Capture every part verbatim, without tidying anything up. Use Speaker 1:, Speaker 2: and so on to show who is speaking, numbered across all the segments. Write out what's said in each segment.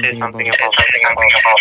Speaker 1: say something about say something about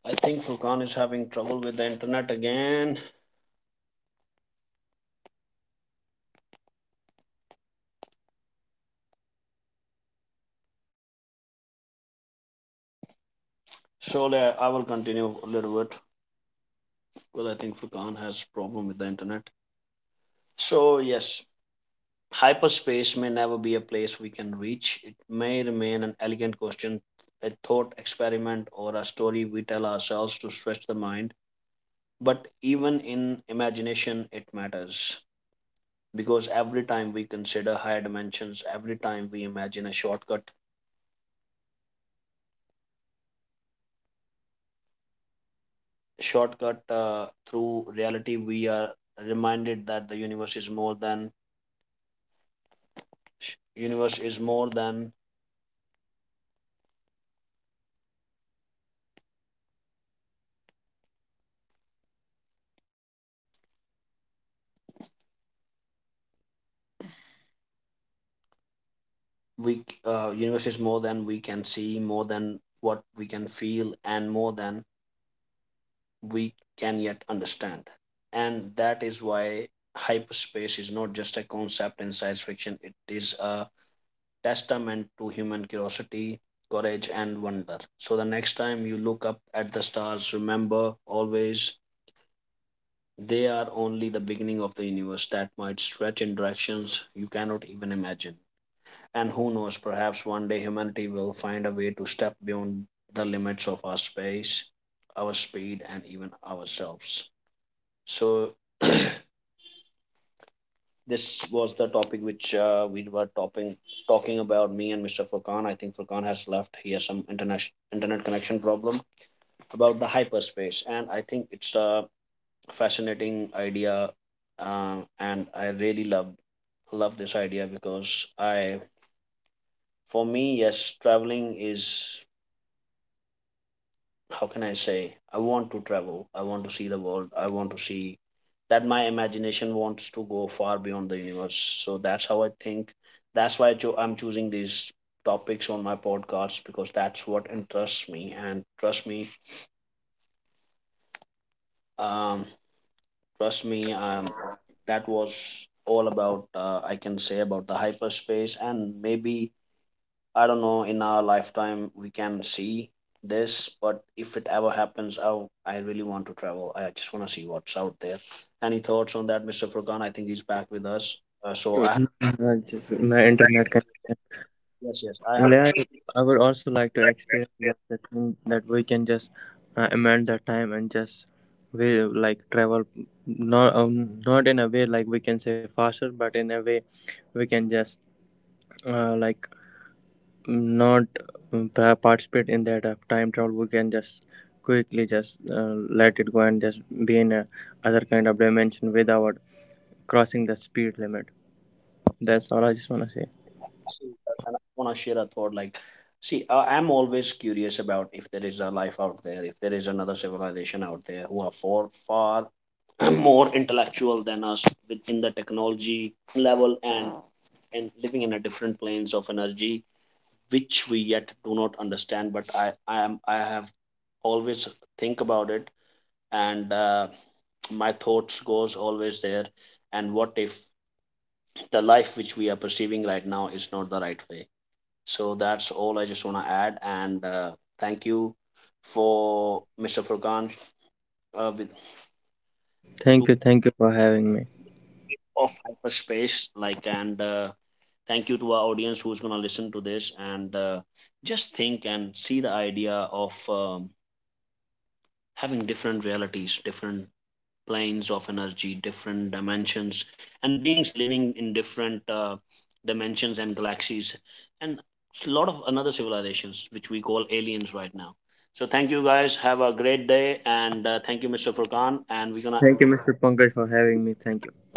Speaker 2: Think Furkan is having trouble with the internet again. Mm, I just my internet connection.
Speaker 1: Say
Speaker 2: And I, I would also like to experience
Speaker 1: something
Speaker 2: that
Speaker 1: like.
Speaker 2: the thing that we can just uh, amend the time and just we like travel not um, not in a way like we can say faster, but in a way we can just uh, like not um, pa- participate in that uh, time travel. We can just quickly just uh, let it go and just be in a other kind of dimension without crossing the speed limit. That's all I just wanna say. Thank you, thank you for having me. Thank you, mister Pankaj, for having me. Thank you.